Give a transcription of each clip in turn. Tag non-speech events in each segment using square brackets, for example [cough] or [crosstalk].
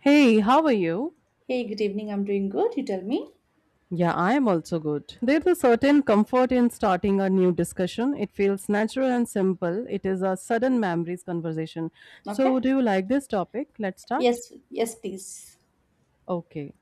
Hey, how are you? Hey, good evening. I'm doing good. You tell me. Yeah, I am also good. There's a certain comfort in starting a new discussion. It feels natural and simple. It is a sudden memories conversation. So, Okay. do you like this topic? Let's start. Yes. Yes, please. Okay.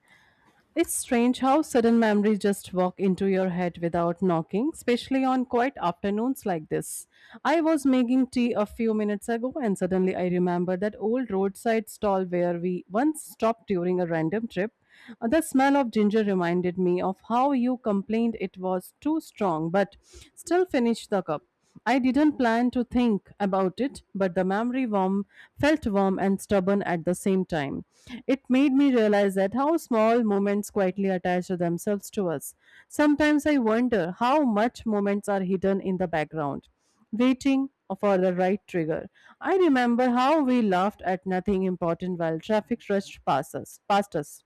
It's strange how sudden memories just walk into your head without knocking, especially on quiet afternoons like this. I was making tea a few minutes ago and suddenly I remembered that old roadside stall where we once stopped during a random trip. The smell of ginger reminded me of how you complained it was too strong, but still finished the cup. I didn't plan to think about it, but the memory warm felt warm and stubborn at the same time. It made me realize that how small moments quietly attach themselves to us. Sometimes I wonder how much moments are hidden in the background, waiting for the right trigger. I remember how we laughed at nothing important while traffic rushed past us.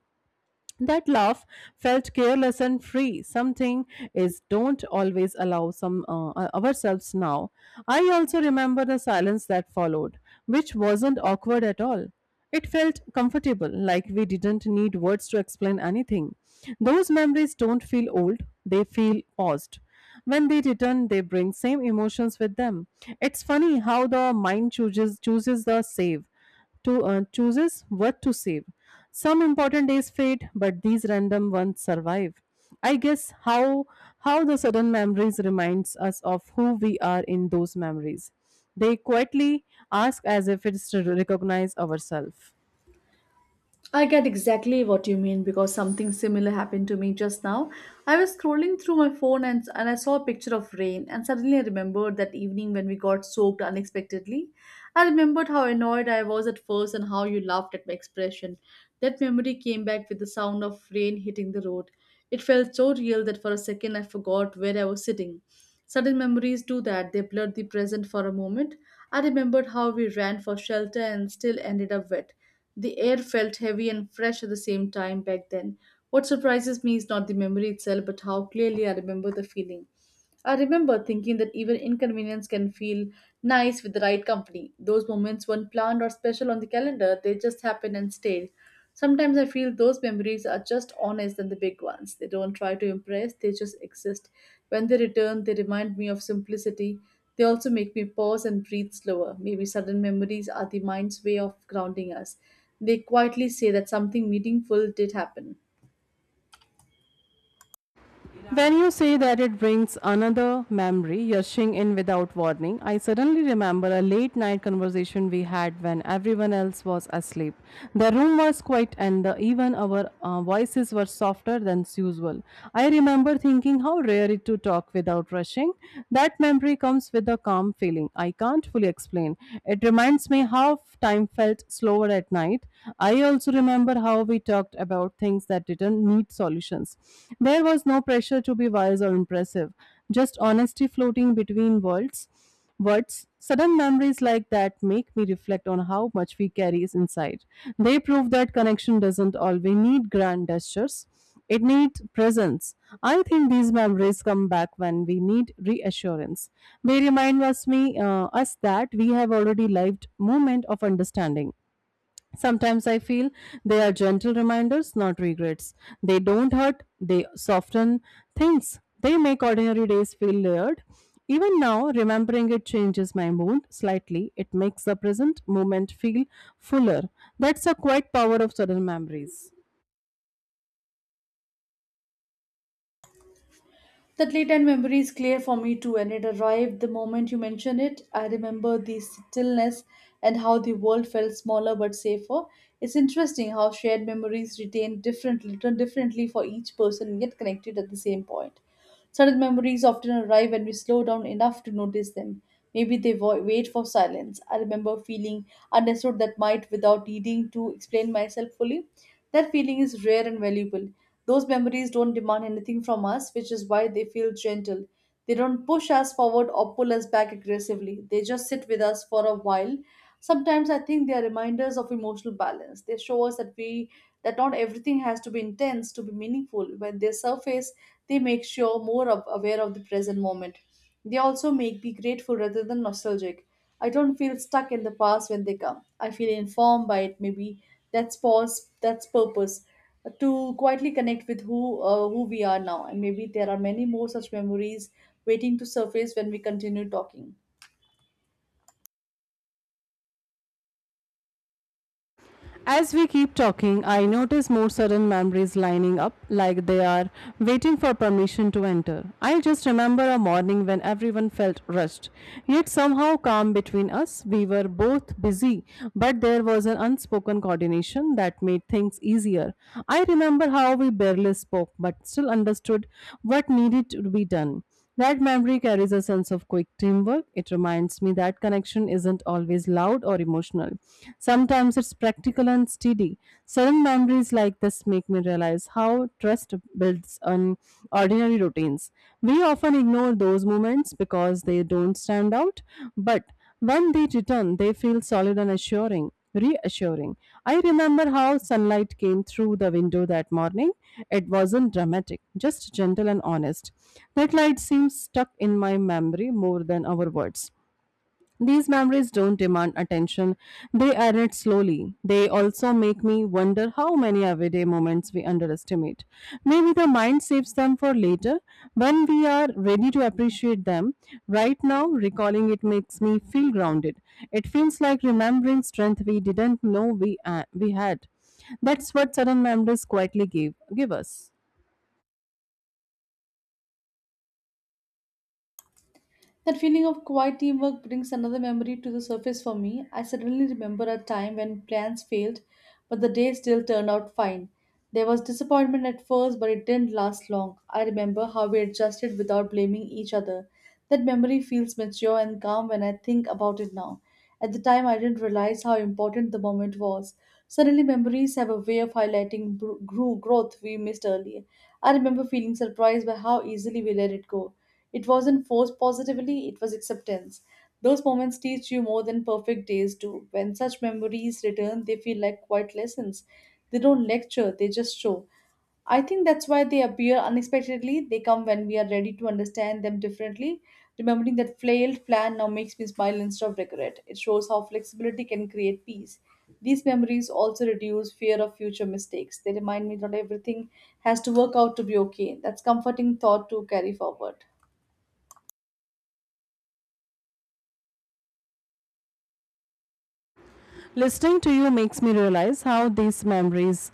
That laugh felt careless and free. Something is don't always allow some ourselves now. I also remember the silence that followed, which wasn't awkward at all. It felt comfortable, like we didn't need words to explain anything. Those memories don't feel old; they feel paused. When they return, they bring same emotions with them. It's funny how the mind chooses the save to chooses what to save. Some important days fade, but these random ones survive. I guess how the sudden memories reminds us of who we are in those memories. They quietly ask as if it's to recognize ourselves. I get exactly what you mean because something similar happened to me just now. I was scrolling through my phone and I saw a picture of rain, and suddenly I remembered that evening when we got soaked unexpectedly. I remembered how annoyed I was at first and how you laughed at my expression. That memory came back with the sound of rain hitting the road. It felt so real that for a second I forgot where I was sitting. Sudden memories do that, they blurred the present for a moment. I remembered how we ran for shelter and still ended up wet. The air felt heavy and fresh at the same time back then. What surprises me is not the memory itself, but how clearly I remember the feeling. I remember thinking that even inconvenience can feel nice with the right company. Those moments weren't planned or special on the calendar, they just happened and stayed. Sometimes I feel those memories are just honest than the big ones. They don't try to impress, they just exist. When they return, they remind me of simplicity. They also make me pause and breathe slower. Maybe sudden memories are the mind's way of grounding us. They quietly say that something meaningful did happen. Yeah. When you say that it brings another memory, rushing in without warning, I suddenly remember a late night conversation we had when everyone else was asleep. The room was quiet and even our voices were softer than usual. I remember thinking how rare it to talk without rushing. That memory comes with a calm feeling. I can't fully explain. It reminds me how time felt slower at night. I also remember how we talked about out things that didn't need solutions. There was no pressure to be wise or impressive, just honesty floating between worlds. Words, sudden memories like that make me reflect on how much we carry inside. They prove that connection doesn't always need grand gestures. It needs presence. I think these memories come back when we need reassurance. They remind us that we have already lived moment of understanding. Sometimes I feel they are gentle reminders, not regrets. They don't hurt, they soften things. They make ordinary days feel layered. Even now, remembering it changes my mood slightly. It makes the present moment feel fuller. That's the quiet power of sudden memories. That late night memory is clear for me too, and it arrived the moment you mentioned it. I remember the stillness and how the world felt smaller but safer. It's interesting how shared memories retain differently, return differently for each person, yet connected at the same point. Certain memories often arrive when we slow down enough to notice them. Maybe they wait for silence. I remember feeling understood that might without needing to explain myself fully. That feeling is rare and valuable. Those memories don't demand anything from us, which is why they feel gentle. They don't push us forward or pull us back aggressively. They just sit with us for a while. Sometimes I think they are reminders of emotional balance. They show us that we that not everything has to be intense to be meaningful. When they surface, they make sure aware of the present moment. They also make me grateful rather than nostalgic. I don't feel stuck in the past when they come. I feel informed by it. Maybe that's pause. That's purpose. To quietly connect with who we are now. And maybe there are many more such memories waiting to surface when we continue talking. As we keep talking, I notice more sudden memories lining up like they are waiting for permission to enter. I just remember a morning when everyone felt rushed, yet somehow calm between us. We were both busy, but there was an unspoken coordination that made things easier. I remember how we barely spoke but still understood what needed to be done. That memory carries a sense of quick teamwork. It reminds me that connection isn't always loud or emotional. Sometimes it's practical and steady. Sudden memories like this make me realize how trust builds on ordinary routines. We often ignore those moments because they don't stand out, but when they return, they feel solid and assuring reassuring. I remember how sunlight came through the window that morning. It wasn't dramatic, just gentle and honest. That light seems stuck in my memory more than our words. These memories don't demand attention, they add it slowly. They also make me wonder how many everyday moments we underestimate. Maybe the mind saves them for later when we are ready to appreciate them. Right now, recalling it makes me feel grounded. It feels like remembering strength we didn't know we had. That's what sudden memories quietly give us. That feeling of quiet teamwork brings another memory to the surface for me. I suddenly remember a time when plans failed, but the day still turned out fine. There was disappointment at first, but it didn't last long. I remember how we adjusted without blaming each other. That memory feels mature and calm when I think about it now. At the time, I didn't realize how important the moment was. Suddenly, memories have a way of highlighting growth we missed earlier. I remember feeling surprised by how easily we let it go. It wasn't forced positively, it was acceptance. Those moments teach you more than perfect days do. When such memories return, they feel like quiet lessons. They don't lecture, they just show. I think that's why they appear unexpectedly. They come when we are ready to understand them differently. Remembering that flailed plan now makes me smile instead of regret. It shows how flexibility can create peace. These memories also reduce fear of future mistakes. They remind me that everything has to work out to be okay. That's comforting thought to carry forward. Listening to you makes me realize how these memories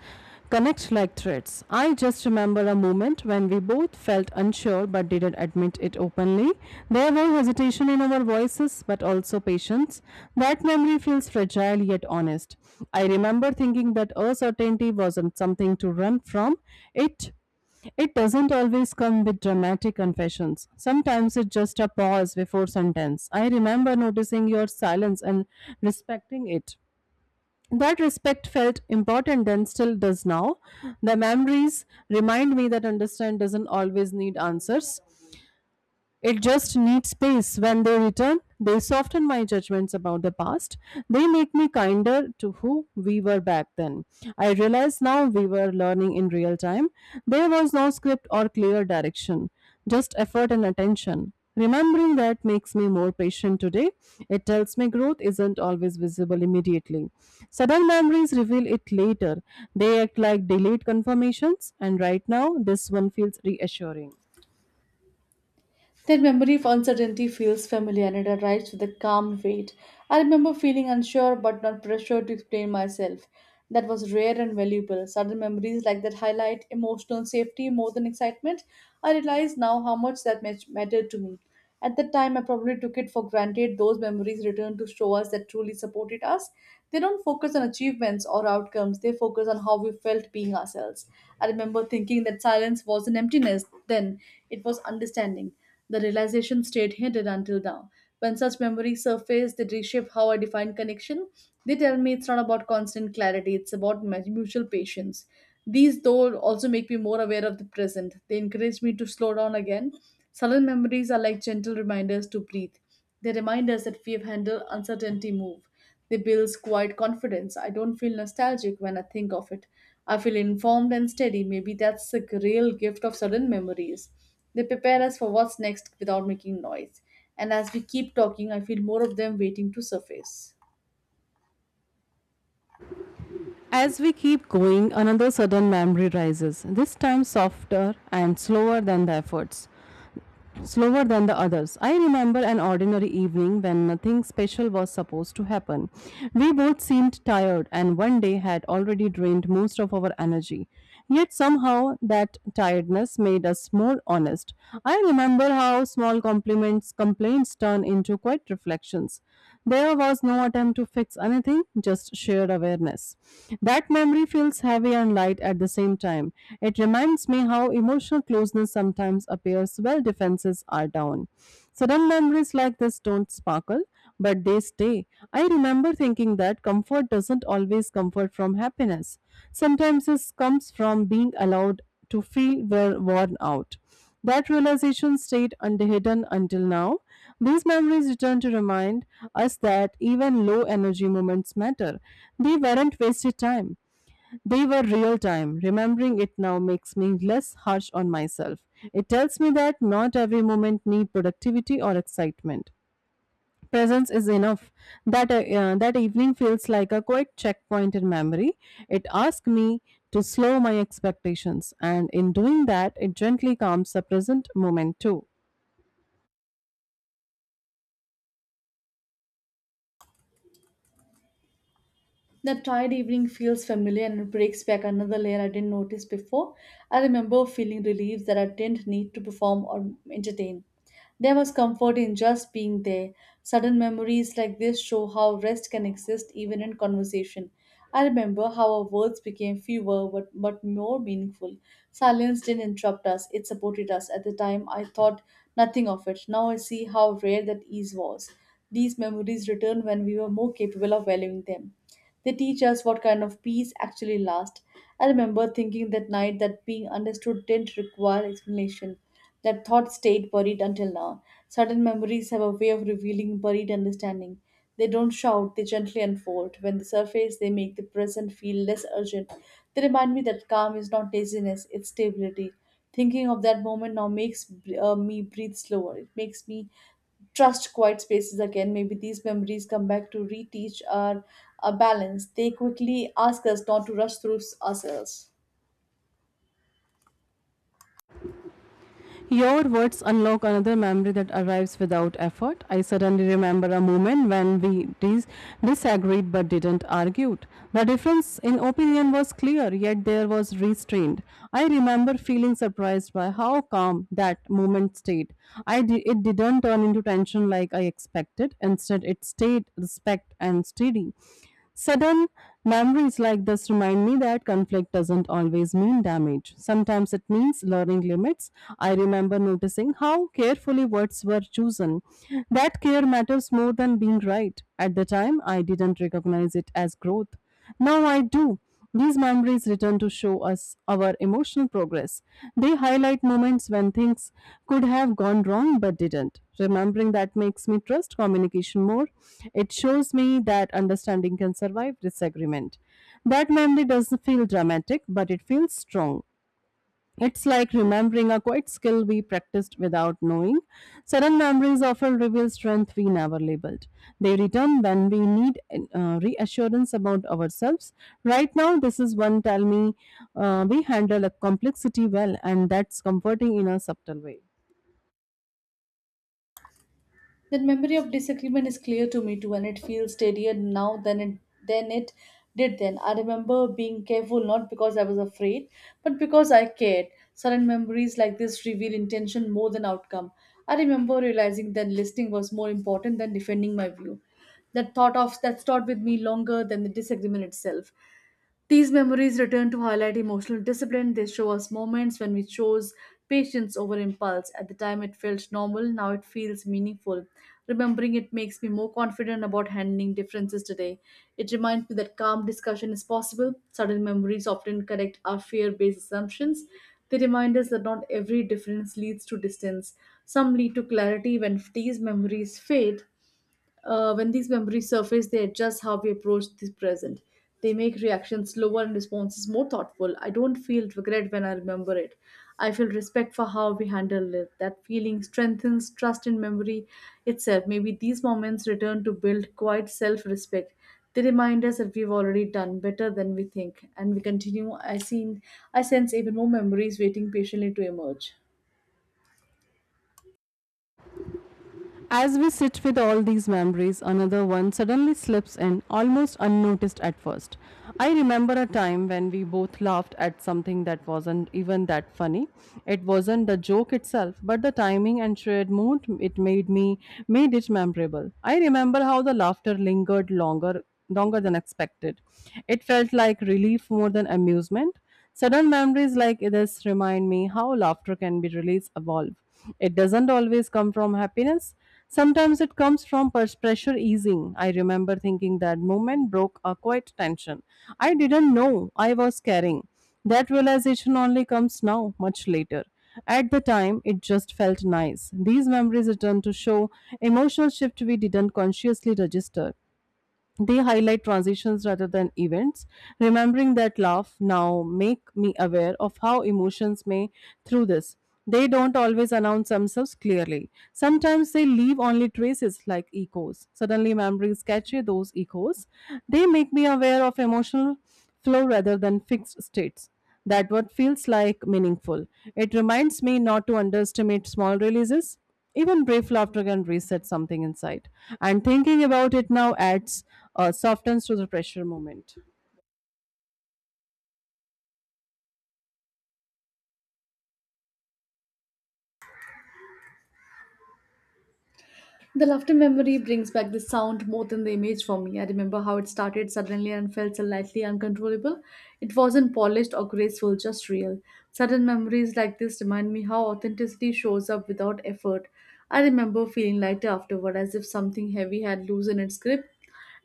connect like threads. I just remember a moment when we both felt unsure but didn't admit it openly. There was hesitation in our voices but also patience. That memory feels fragile yet honest. I remember thinking that uncertainty wasn't something to run from. It it doesn't always come with dramatic confessions. Sometimes it's just a pause before sentence. I remember noticing your silence and respecting it. That respect felt important then, still does now. The memories remind me that understand doesn't always need answers, it just needs space. When they return, they soften my judgments about the past. They make me kinder to who we were back then. I realize now we were learning in real time. There was no script or clear direction, just effort and attention. Remembering that makes me more patient today. It tells me growth isn't always visible immediately. Sudden memories reveal it later. They act like delayed confirmations, and right now, this one feels reassuring. That memory of uncertainty feels familiar and it arrives with a calm weight. I remember feeling unsure but not pressured to explain myself. That was rare and valuable. Sudden memories like that highlight emotional safety more than excitement. I realize now how much that mattered to me. At the time, I probably took it for granted. Those memories return to show us that truly supported us. They don't focus on achievements or outcomes, they focus on how we felt being ourselves. I remember thinking that silence wasn't emptiness, then it was understanding. The realization stayed hidden until now. When such memories surface, they reshape how I define connection. They tell me it's not about constant clarity, it's about mutual patience. These, though, also make me more aware of the present. They encourage me to slow down again. Sudden memories are like gentle reminders to breathe. They remind us that we have handled uncertainty move. They build quiet confidence. I don't feel nostalgic when I think of it. I feel informed and steady. Maybe that's the real gift of sudden memories. They prepare us for what's next without making noise. And as we keep talking, I feel more of them waiting to surface. As we keep going, another sudden memory rises, this time softer and slower than the others. I remember an ordinary evening when nothing special was supposed to happen. We both seemed tired and one day had already drained most of our energy. Yet somehow that tiredness made us more honest. I remember how small compliments complaints turn into quiet reflections. There was no attempt to fix anything, just shared awareness. That memory feels heavy and light at the same time. It reminds me how emotional closeness sometimes appears while defenses are down. Sudden memories like this don't sparkle, but they stay. I remember thinking that comfort doesn't always comfort from happiness. Sometimes it comes from being allowed to feel well worn out. That realization stayed underhidden until now. These memories return to remind us that even low energy moments matter. They weren't wasted time. They were real time. Remembering it now makes me less harsh on myself. It tells me that not every moment needs productivity or excitement. Presence is enough. That evening feels like a quiet checkpoint in memory. It asks me to slow my expectations, and in doing that, it gently calms the present moment too. The tired evening feels familiar and breaks back another layer I didn't notice before. I remember feeling relieved that I didn't need to perform or entertain. There was comfort in just being there. Sudden memories like this show how rest can exist even in conversation. I remember how our words became fewer but more meaningful. Silence didn't interrupt us, it supported us. At the time, I thought nothing of it. Now I see how rare that ease was. These memories return when we were more capable of valuing them. They teach us what kind of peace actually lasts. I remember thinking that night that being understood didn't require explanation. That thought stayed buried until now. Certain memories have a way of revealing buried understanding. They don't shout, they gently unfold. When they surface, they make the present feel less urgent. They remind me that calm is not laziness, it's stability. Thinking of that moment now makes me breathe slower. It makes me trust quiet spaces again. Maybe these memories come back to reteach our balance. They quickly ask us not to rush through ourselves. Your words unlock another memory that arrives without effort. I suddenly remember a moment when we disagreed but didn't argue. The difference in opinion was clear, yet there was restraint. I remember feeling surprised by how calm that moment stayed. It didn't turn into tension like I expected. Instead, it stayed respect and steady. Sudden memories like this remind me that conflict doesn't always mean damage. Sometimes it means learning limits. I remember noticing how carefully words were chosen. That care matters more than being right. At the time, I didn't recognize it as growth. Now I do. These memories return to show us our emotional progress. They highlight moments when things could have gone wrong but didn't. Remembering that makes me trust communication more. It shows me that understanding can survive disagreement. That memory doesn't feel dramatic, but it feels strong. It's like remembering a quiet skill we practiced without knowing. Sudden memories often reveal strength we never labeled. They return when we need reassurance about ourselves. Right now, this is one tell me we handle a complexity well, and that's comforting in a subtle way. That memory of disagreement is clear to me too, and it feels steadier now than it did then. I remember being careful not because I was afraid, but because I cared. Sudden memories like this reveal intention more than outcome. I remember realizing that listening was more important than defending my view. That thought of that thought with me longer than the disagreement itself. These memories return to highlight emotional discipline. They show us moments when we chose patience over impulse. At the time, it felt normal, now it feels meaningful. Remembering it makes me more confident about handling differences today. It reminds me that calm discussion is possible. Sudden memories often correct our fear based assumptions. They remind us that not every difference leads to distance. Some lead to clarity when these memories fade. When these memories surface, they adjust how we approach the present. They make reactions slower and responses more thoughtful. I don't feel regret when I remember it. I feel respect for how we handle it. That feeling strengthens trust in memory itself. Maybe these moments return to build quite self respect. They remind us that we've already done better than we think, and we continue. I sense even more memories waiting patiently to emerge. As we sit with all these memories, another one suddenly slips in, almost unnoticed at first. I remember a time when we both laughed at something that wasn't even that funny. It wasn't the joke itself, but the timing and shared mood it made me made it memorable. I remember how the laughter lingered longer than expected. It felt like relief more than amusement. Sudden memories like this remind me how laughter can be released evolve. It doesn't always come from happiness. Sometimes it comes from pressure easing. I remember thinking that moment broke a quiet tension. I didn't know I was carrying. That realization only comes now, much later. At the time, it just felt nice. These memories return to show emotional shift we didn't consciously register. They highlight transitions rather than events. Remembering that laugh now make me aware of how emotions may through this. They don't always announce themselves clearly. Sometimes they leave only traces like echoes. Suddenly memories capture those echoes. They make me aware of emotional flow rather than fixed states that what feels like meaningful. It reminds me not to underestimate small releases. Even brief laughter can reset something inside. And thinking about it now adds softens to the pressure moment. The laughter memory brings back the sound more than the image for me. I remember how it started suddenly and felt slightly uncontrollable. It wasn't polished or graceful, just real. Sudden memories like this remind me how authenticity shows up without effort. I remember feeling lighter afterward, as if something heavy had loosened its grip.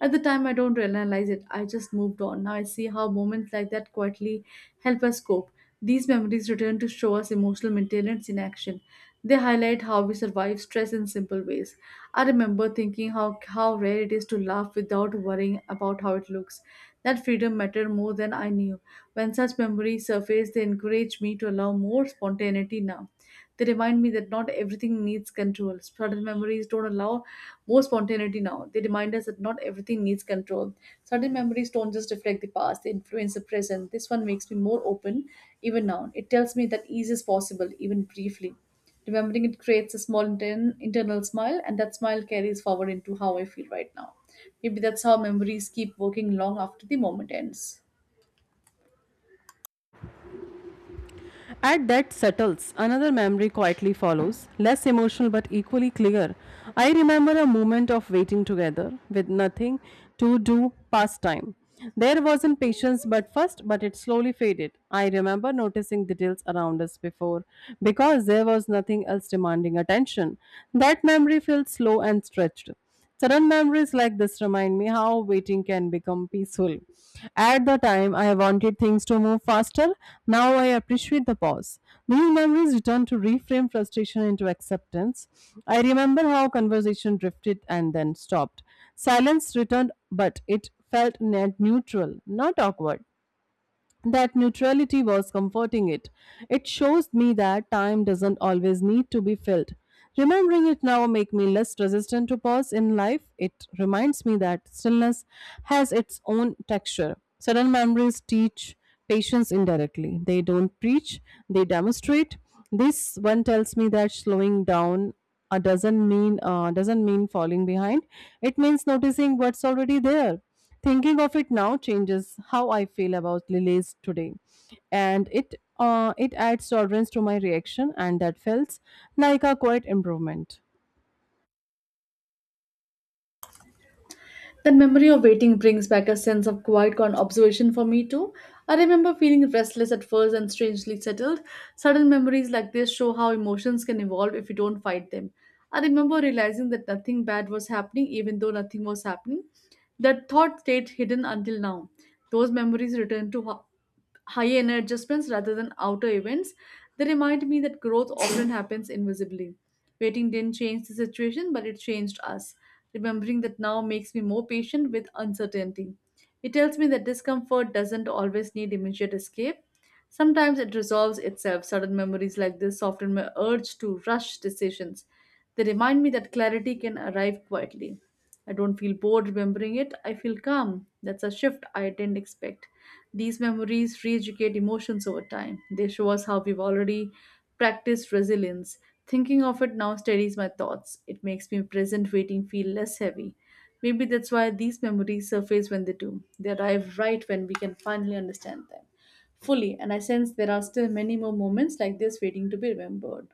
At the time, I don't realize it. I just moved on. Now I see how moments like that quietly help us cope. These memories return to show us emotional maintenance in action. They highlight how we survive stress in simple ways. I remember thinking how rare it is to laugh without worrying about how it looks. That freedom mattered more than I knew. When such memories surface, they encourage me to allow more spontaneity now. They remind me that not everything needs control. Sudden memories don't allow more spontaneity now. They remind us that not everything needs control. Sudden memories don't just reflect the past, they influence the present. This one makes me more open even now. It tells me that ease is possible, even briefly. Remembering it creates a small internal smile, and that smile carries forward into how I feel right now. Maybe that's how memories keep working long after the moment ends. At that settles, another memory quietly follows, less emotional but equally clear. I remember a moment of waiting together with nothing to do past time. There wasn't patience but first, but it slowly faded. I remember noticing details around us before because there was nothing else demanding attention. That memory feels slow and stretched. Sudden memories like this remind me how waiting can become peaceful. At the time, I wanted things to move faster. Now I appreciate the pause. These memories return to reframe frustration into acceptance. I remember how conversation drifted and then stopped. Silence returned, but it felt net neutral, not awkward. That neutrality was comforting it. It shows me that time doesn't always need to be filled. Remembering it now make me less resistant to pause in life. It reminds me that stillness has its own texture. Sudden memories teach patience indirectly. They don't preach, they demonstrate. This one tells me that slowing down doesn't mean falling behind. It means noticing what's already there. Thinking of it now changes how I feel about lilies today, and it adds tolerance to my reaction, and that felt like a quiet improvement. That memory of waiting brings back a sense of quiet con observation for me too. I remember feeling restless at first and strangely settled. Sudden memories like this show how emotions can evolve if you don't fight them. I remember realizing that nothing bad was happening even though nothing was happening. That thought stayed hidden until now. Those memories return to high energy adjustments rather than outer events. They remind me that growth often [coughs] happens invisibly. Waiting didn't change the situation, but it changed us. Remembering that now makes me more patient with uncertainty. It tells me that discomfort doesn't always need immediate escape. Sometimes it resolves itself. Sudden memories like this soften my urge to rush decisions. They remind me that clarity can arrive quietly. I don't feel bored remembering it. I feel calm. That's a shift I didn't expect. These memories re educate emotions over time. They show us how we've already practiced resilience. Thinking of it now steadies my thoughts. It makes me present waiting feel less heavy. Maybe that's why these memories surface when they do. They arrive right when we can finally understand them fully, and I sense there are still many more moments like this waiting to be remembered.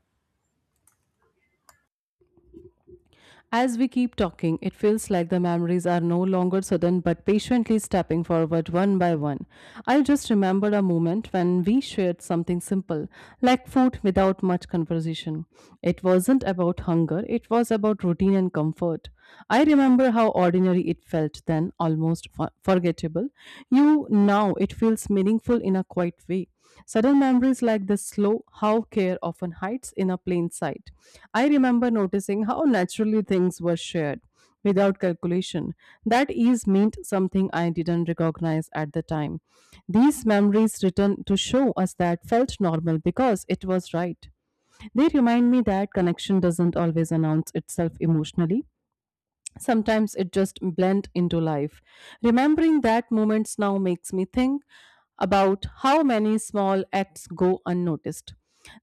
As we keep talking, it feels like the memories are no longer sudden but patiently stepping forward one by one. I just remembered a moment when we shared something simple, like food without much conversation. It wasn't about hunger, it was about routine and comfort. I remember how ordinary it felt then, almost forgettable. You now it feels meaningful in a quiet way. Sudden memories like this slow how care often hides in a plain sight. I remember noticing how naturally things were shared without calculation. That ease meant something I didn't recognize at the time. These memories return to show us that felt normal because it was right. They remind me that connection doesn't always announce itself emotionally sometimes it just blend into life remembering that moments now makes me think about how many small acts go unnoticed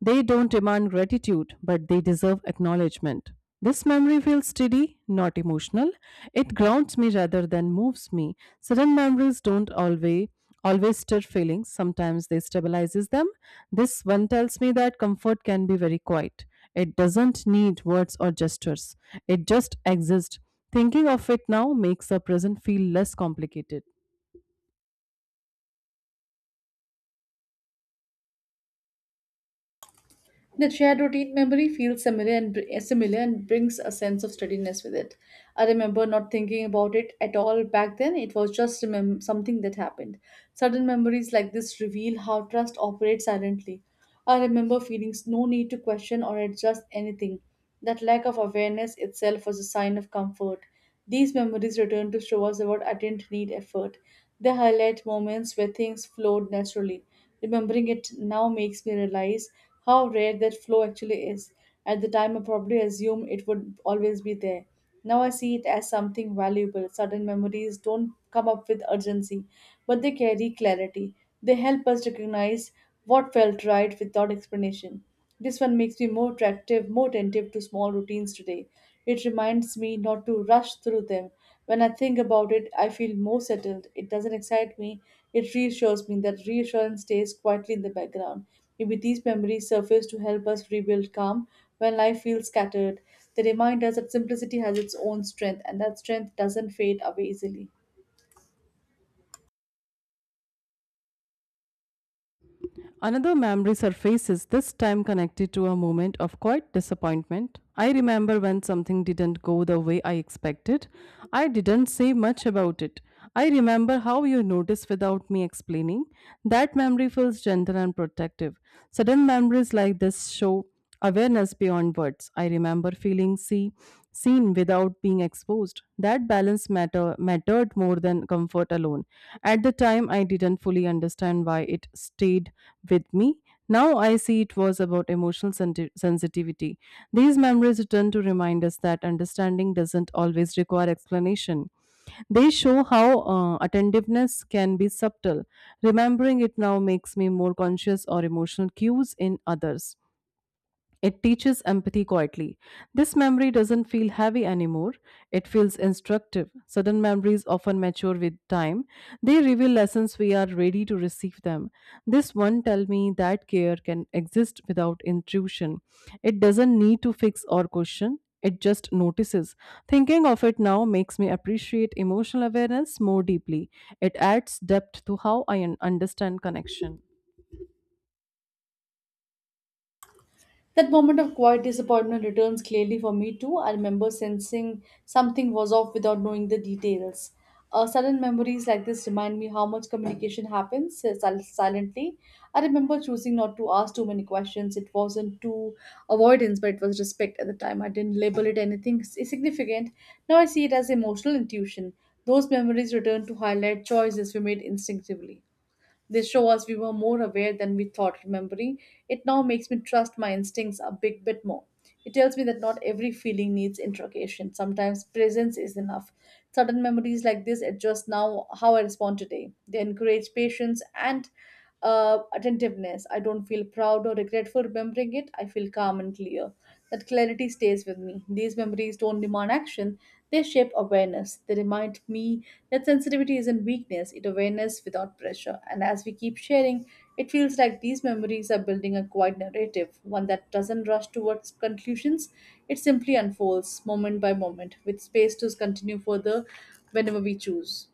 they don't demand gratitude but they deserve acknowledgement this memory feels steady not emotional it grounds me rather than moves me sudden memories don't always stir feelings sometimes they stabilizes them this one tells me that comfort can be very quiet it doesn't need words or gestures it just exists. Thinking of it now makes the present feel less complicated. The shared routine memory feels similar and brings a sense of steadiness with it. I remember not thinking about it at all back then. It was just something that happened. Sudden memories like this reveal how trust operates silently. I remember no need to question or adjust anything. That lack of awareness itself was a sign of comfort. These memories return to show us that I didn't need effort. They highlight moments where things flowed naturally. Remembering it now makes me realize how rare that flow actually is. At the time, I probably assumed it would always be there. Now I see it as something valuable. Sudden memories don't come up with urgency, but they carry clarity. They help us recognize what felt right without explanation. This one makes me more attractive, more attentive to small routines today. It reminds me not to rush through them, when I think about it, I feel more settled. It doesn't excite me, it reassures me. That reassurance stays quietly in the background. Maybe these memories surface to help us rebuild calm when life feels scattered. They remind us that simplicity has its own strength and that strength doesn't fade away easily. Another memory surfaces, this time connected to a moment of quiet disappointment. I remember when something didn't go the way I expected. I didn't say much about it. I remember how you noticed without me explaining. That memory feels gentle and protective. Sudden memories like this show awareness beyond words. I remember seen without being exposed. That balance mattered more than comfort alone. At the time, I didn't fully understand why it stayed with me. Now I see it was about emotional sensitivity. These memories return to remind us that understanding doesn't always require explanation. They show how attentiveness can be subtle. Remembering it now makes me more conscious or emotional cues in others. It teaches empathy quietly. This memory doesn't feel heavy anymore, it feels instructive. Sudden memories often mature with time, they reveal lessons we are ready to receive them. This one tell me that care can exist without intrusion. It doesn't need to fix or question. It just notices. Thinking of it now makes me appreciate emotional awareness more deeply. It adds depth to how I understand connection. That moment of quiet disappointment returns clearly for me too. I remember sensing something was off without knowing the details. Sudden memories like this remind me how much communication happens silently. I remember choosing not to ask too many questions. It wasn't too avoidance, but it was respect at the time. I didn't label it anything significant. Now I see it as emotional intuition. Those memories return to highlight choices we made instinctively. They show us we were more aware than we thought. Remembering it now makes me trust my instincts a big bit more. It tells me that not every feeling needs interrogation. Sometimes presence is enough. Sudden memories like this adjust now how I respond today. They encourage patience and attentiveness. I don't feel proud or regret for remembering it. I feel calm and clear. That clarity stays with me. These memories don't demand action, they shape awareness. They remind me that sensitivity isn't weakness, it's awareness without pressure. And as we keep sharing, it feels like these memories are building a quiet narrative, one that doesn't rush towards conclusions. It simply unfolds moment by moment, with space to continue further whenever we choose.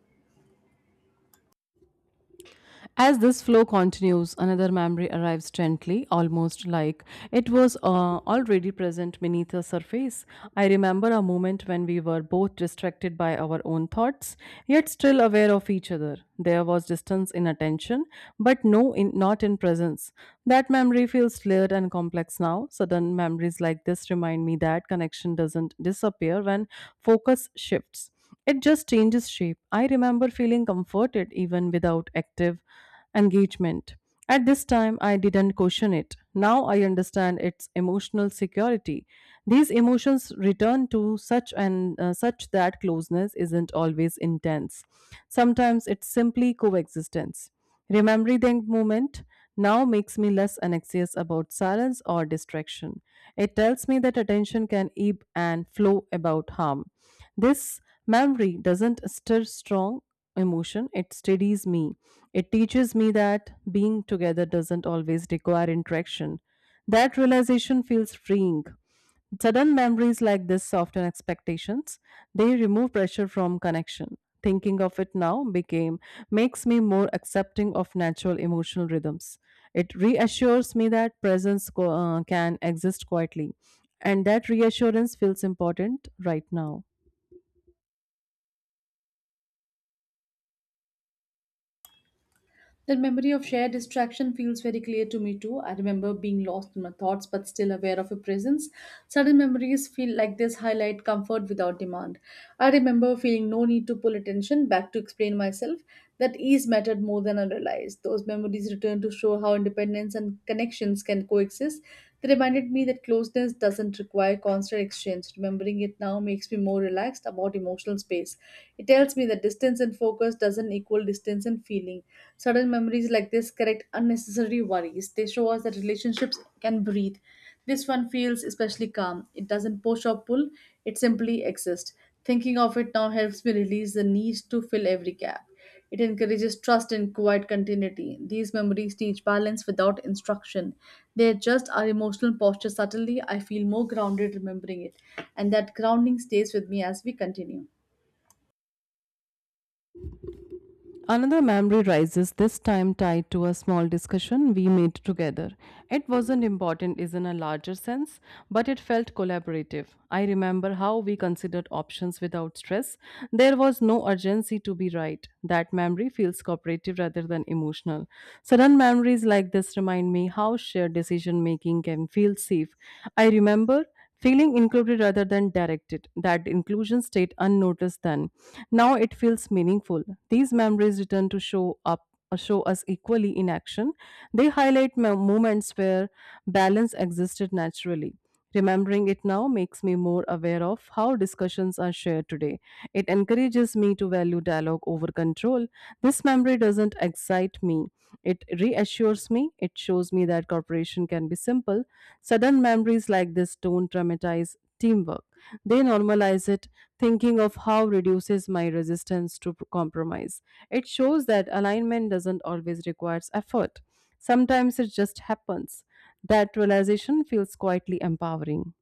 As this flow continues, another memory arrives gently, almost like it was already present beneath the surface. I remember a moment when we were both distracted by our own thoughts, yet still aware of each other. There was distance in attention, but not in presence. That memory feels layered and complex now. Sudden memories like this remind me that connection doesn't disappear when focus shifts. It just changes shape. I remember feeling comforted even without active engagement. At this time, I didn't question it. Now I understand its emotional security. These emotions return to such that closeness isn't always intense. Sometimes it's simply coexistence. Remembering the moment now makes me less anxious about silence or distraction. It tells me that attention can ebb and flow about harm. This memory doesn't stir strong emotion, it steadies me. It teaches me that being together doesn't always require interaction. That realization feels freeing. Sudden memories like this soften expectations. They remove pressure from connection. Thinking of it now became makes me more accepting of natural emotional rhythms. It reassures me that presence can exist quietly, and that reassurance feels important right now. That memory of shared distraction feels very clear to me too. I remember being lost in my thoughts but still aware of your presence. Sudden memories feel like this highlight comfort without demand. I remember feeling no need to pull attention back to explain myself that ease mattered more than I realized. Those memories return to show how independence and connections can coexist. They reminded me that closeness doesn't require constant exchange. Remembering it now makes me more relaxed about emotional space. It tells me that distance and focus doesn't equal distance and feeling. Sudden memories like this correct unnecessary worries. They show us that relationships can breathe. This one feels especially calm. It doesn't push or pull, it simply exists. Thinking of it now helps me release the need to fill every gap. It encourages trust and quiet continuity. These memories teach balance without instruction. They adjust our emotional posture subtly. I feel more grounded remembering it, and that grounding stays with me as we continue. Another memory rises, this time tied to a small discussion we made together. It wasn't important is in a larger sense, but it felt collaborative. I remember how we considered options without stress. There was no urgency to be right. That memory feels cooperative rather than emotional. Sudden memories like this remind me how shared decision making can feel safe. I remember feeling included rather than directed, that inclusion stayed unnoticed then. Now it feels meaningful. These memories return to show us equally in action. They highlight moments where balance existed naturally. Remembering it now makes me more aware of how discussions are shared today. It encourages me to value dialogue over control. This memory doesn't excite me. It reassures me. It shows me that cooperation can be simple. Sudden memories like this don't traumatize teamwork. They normalize it, thinking of how reduces my resistance to compromise. It shows that alignment doesn't always require effort. Sometimes it just happens. That realization feels quietly empowering.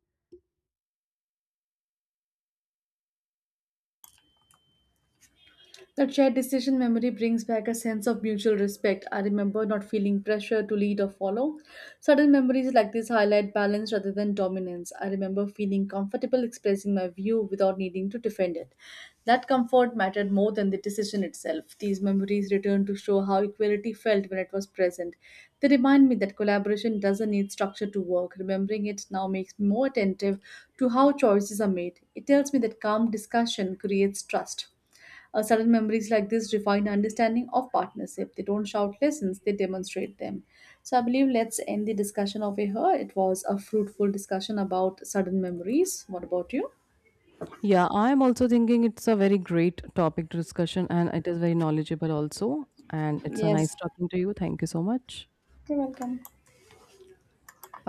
That shared decision memory brings back a sense of mutual respect. I remember not feeling pressure to lead or follow. Sudden memories like this highlight balance rather than dominance. I remember feeling comfortable expressing my view without needing to defend it. That comfort mattered more than the decision itself. These memories return to show how equality felt when it was present. They remind me that collaboration doesn't need structure to work. Remembering it now makes me more attentive to how choices are made. It tells me that calm discussion creates trust. Sudden memories like this refine understanding of partnership. They don't shout lessons, they demonstrate them. So I believe let's end the discussion over here. It was a fruitful discussion about sudden memories. What about you? Yeah, I'm also thinking it's a very great topic to discussion and it is very knowledgeable also. And it's a Yes. nice talking to you. Thank you so much. You're welcome. Bye.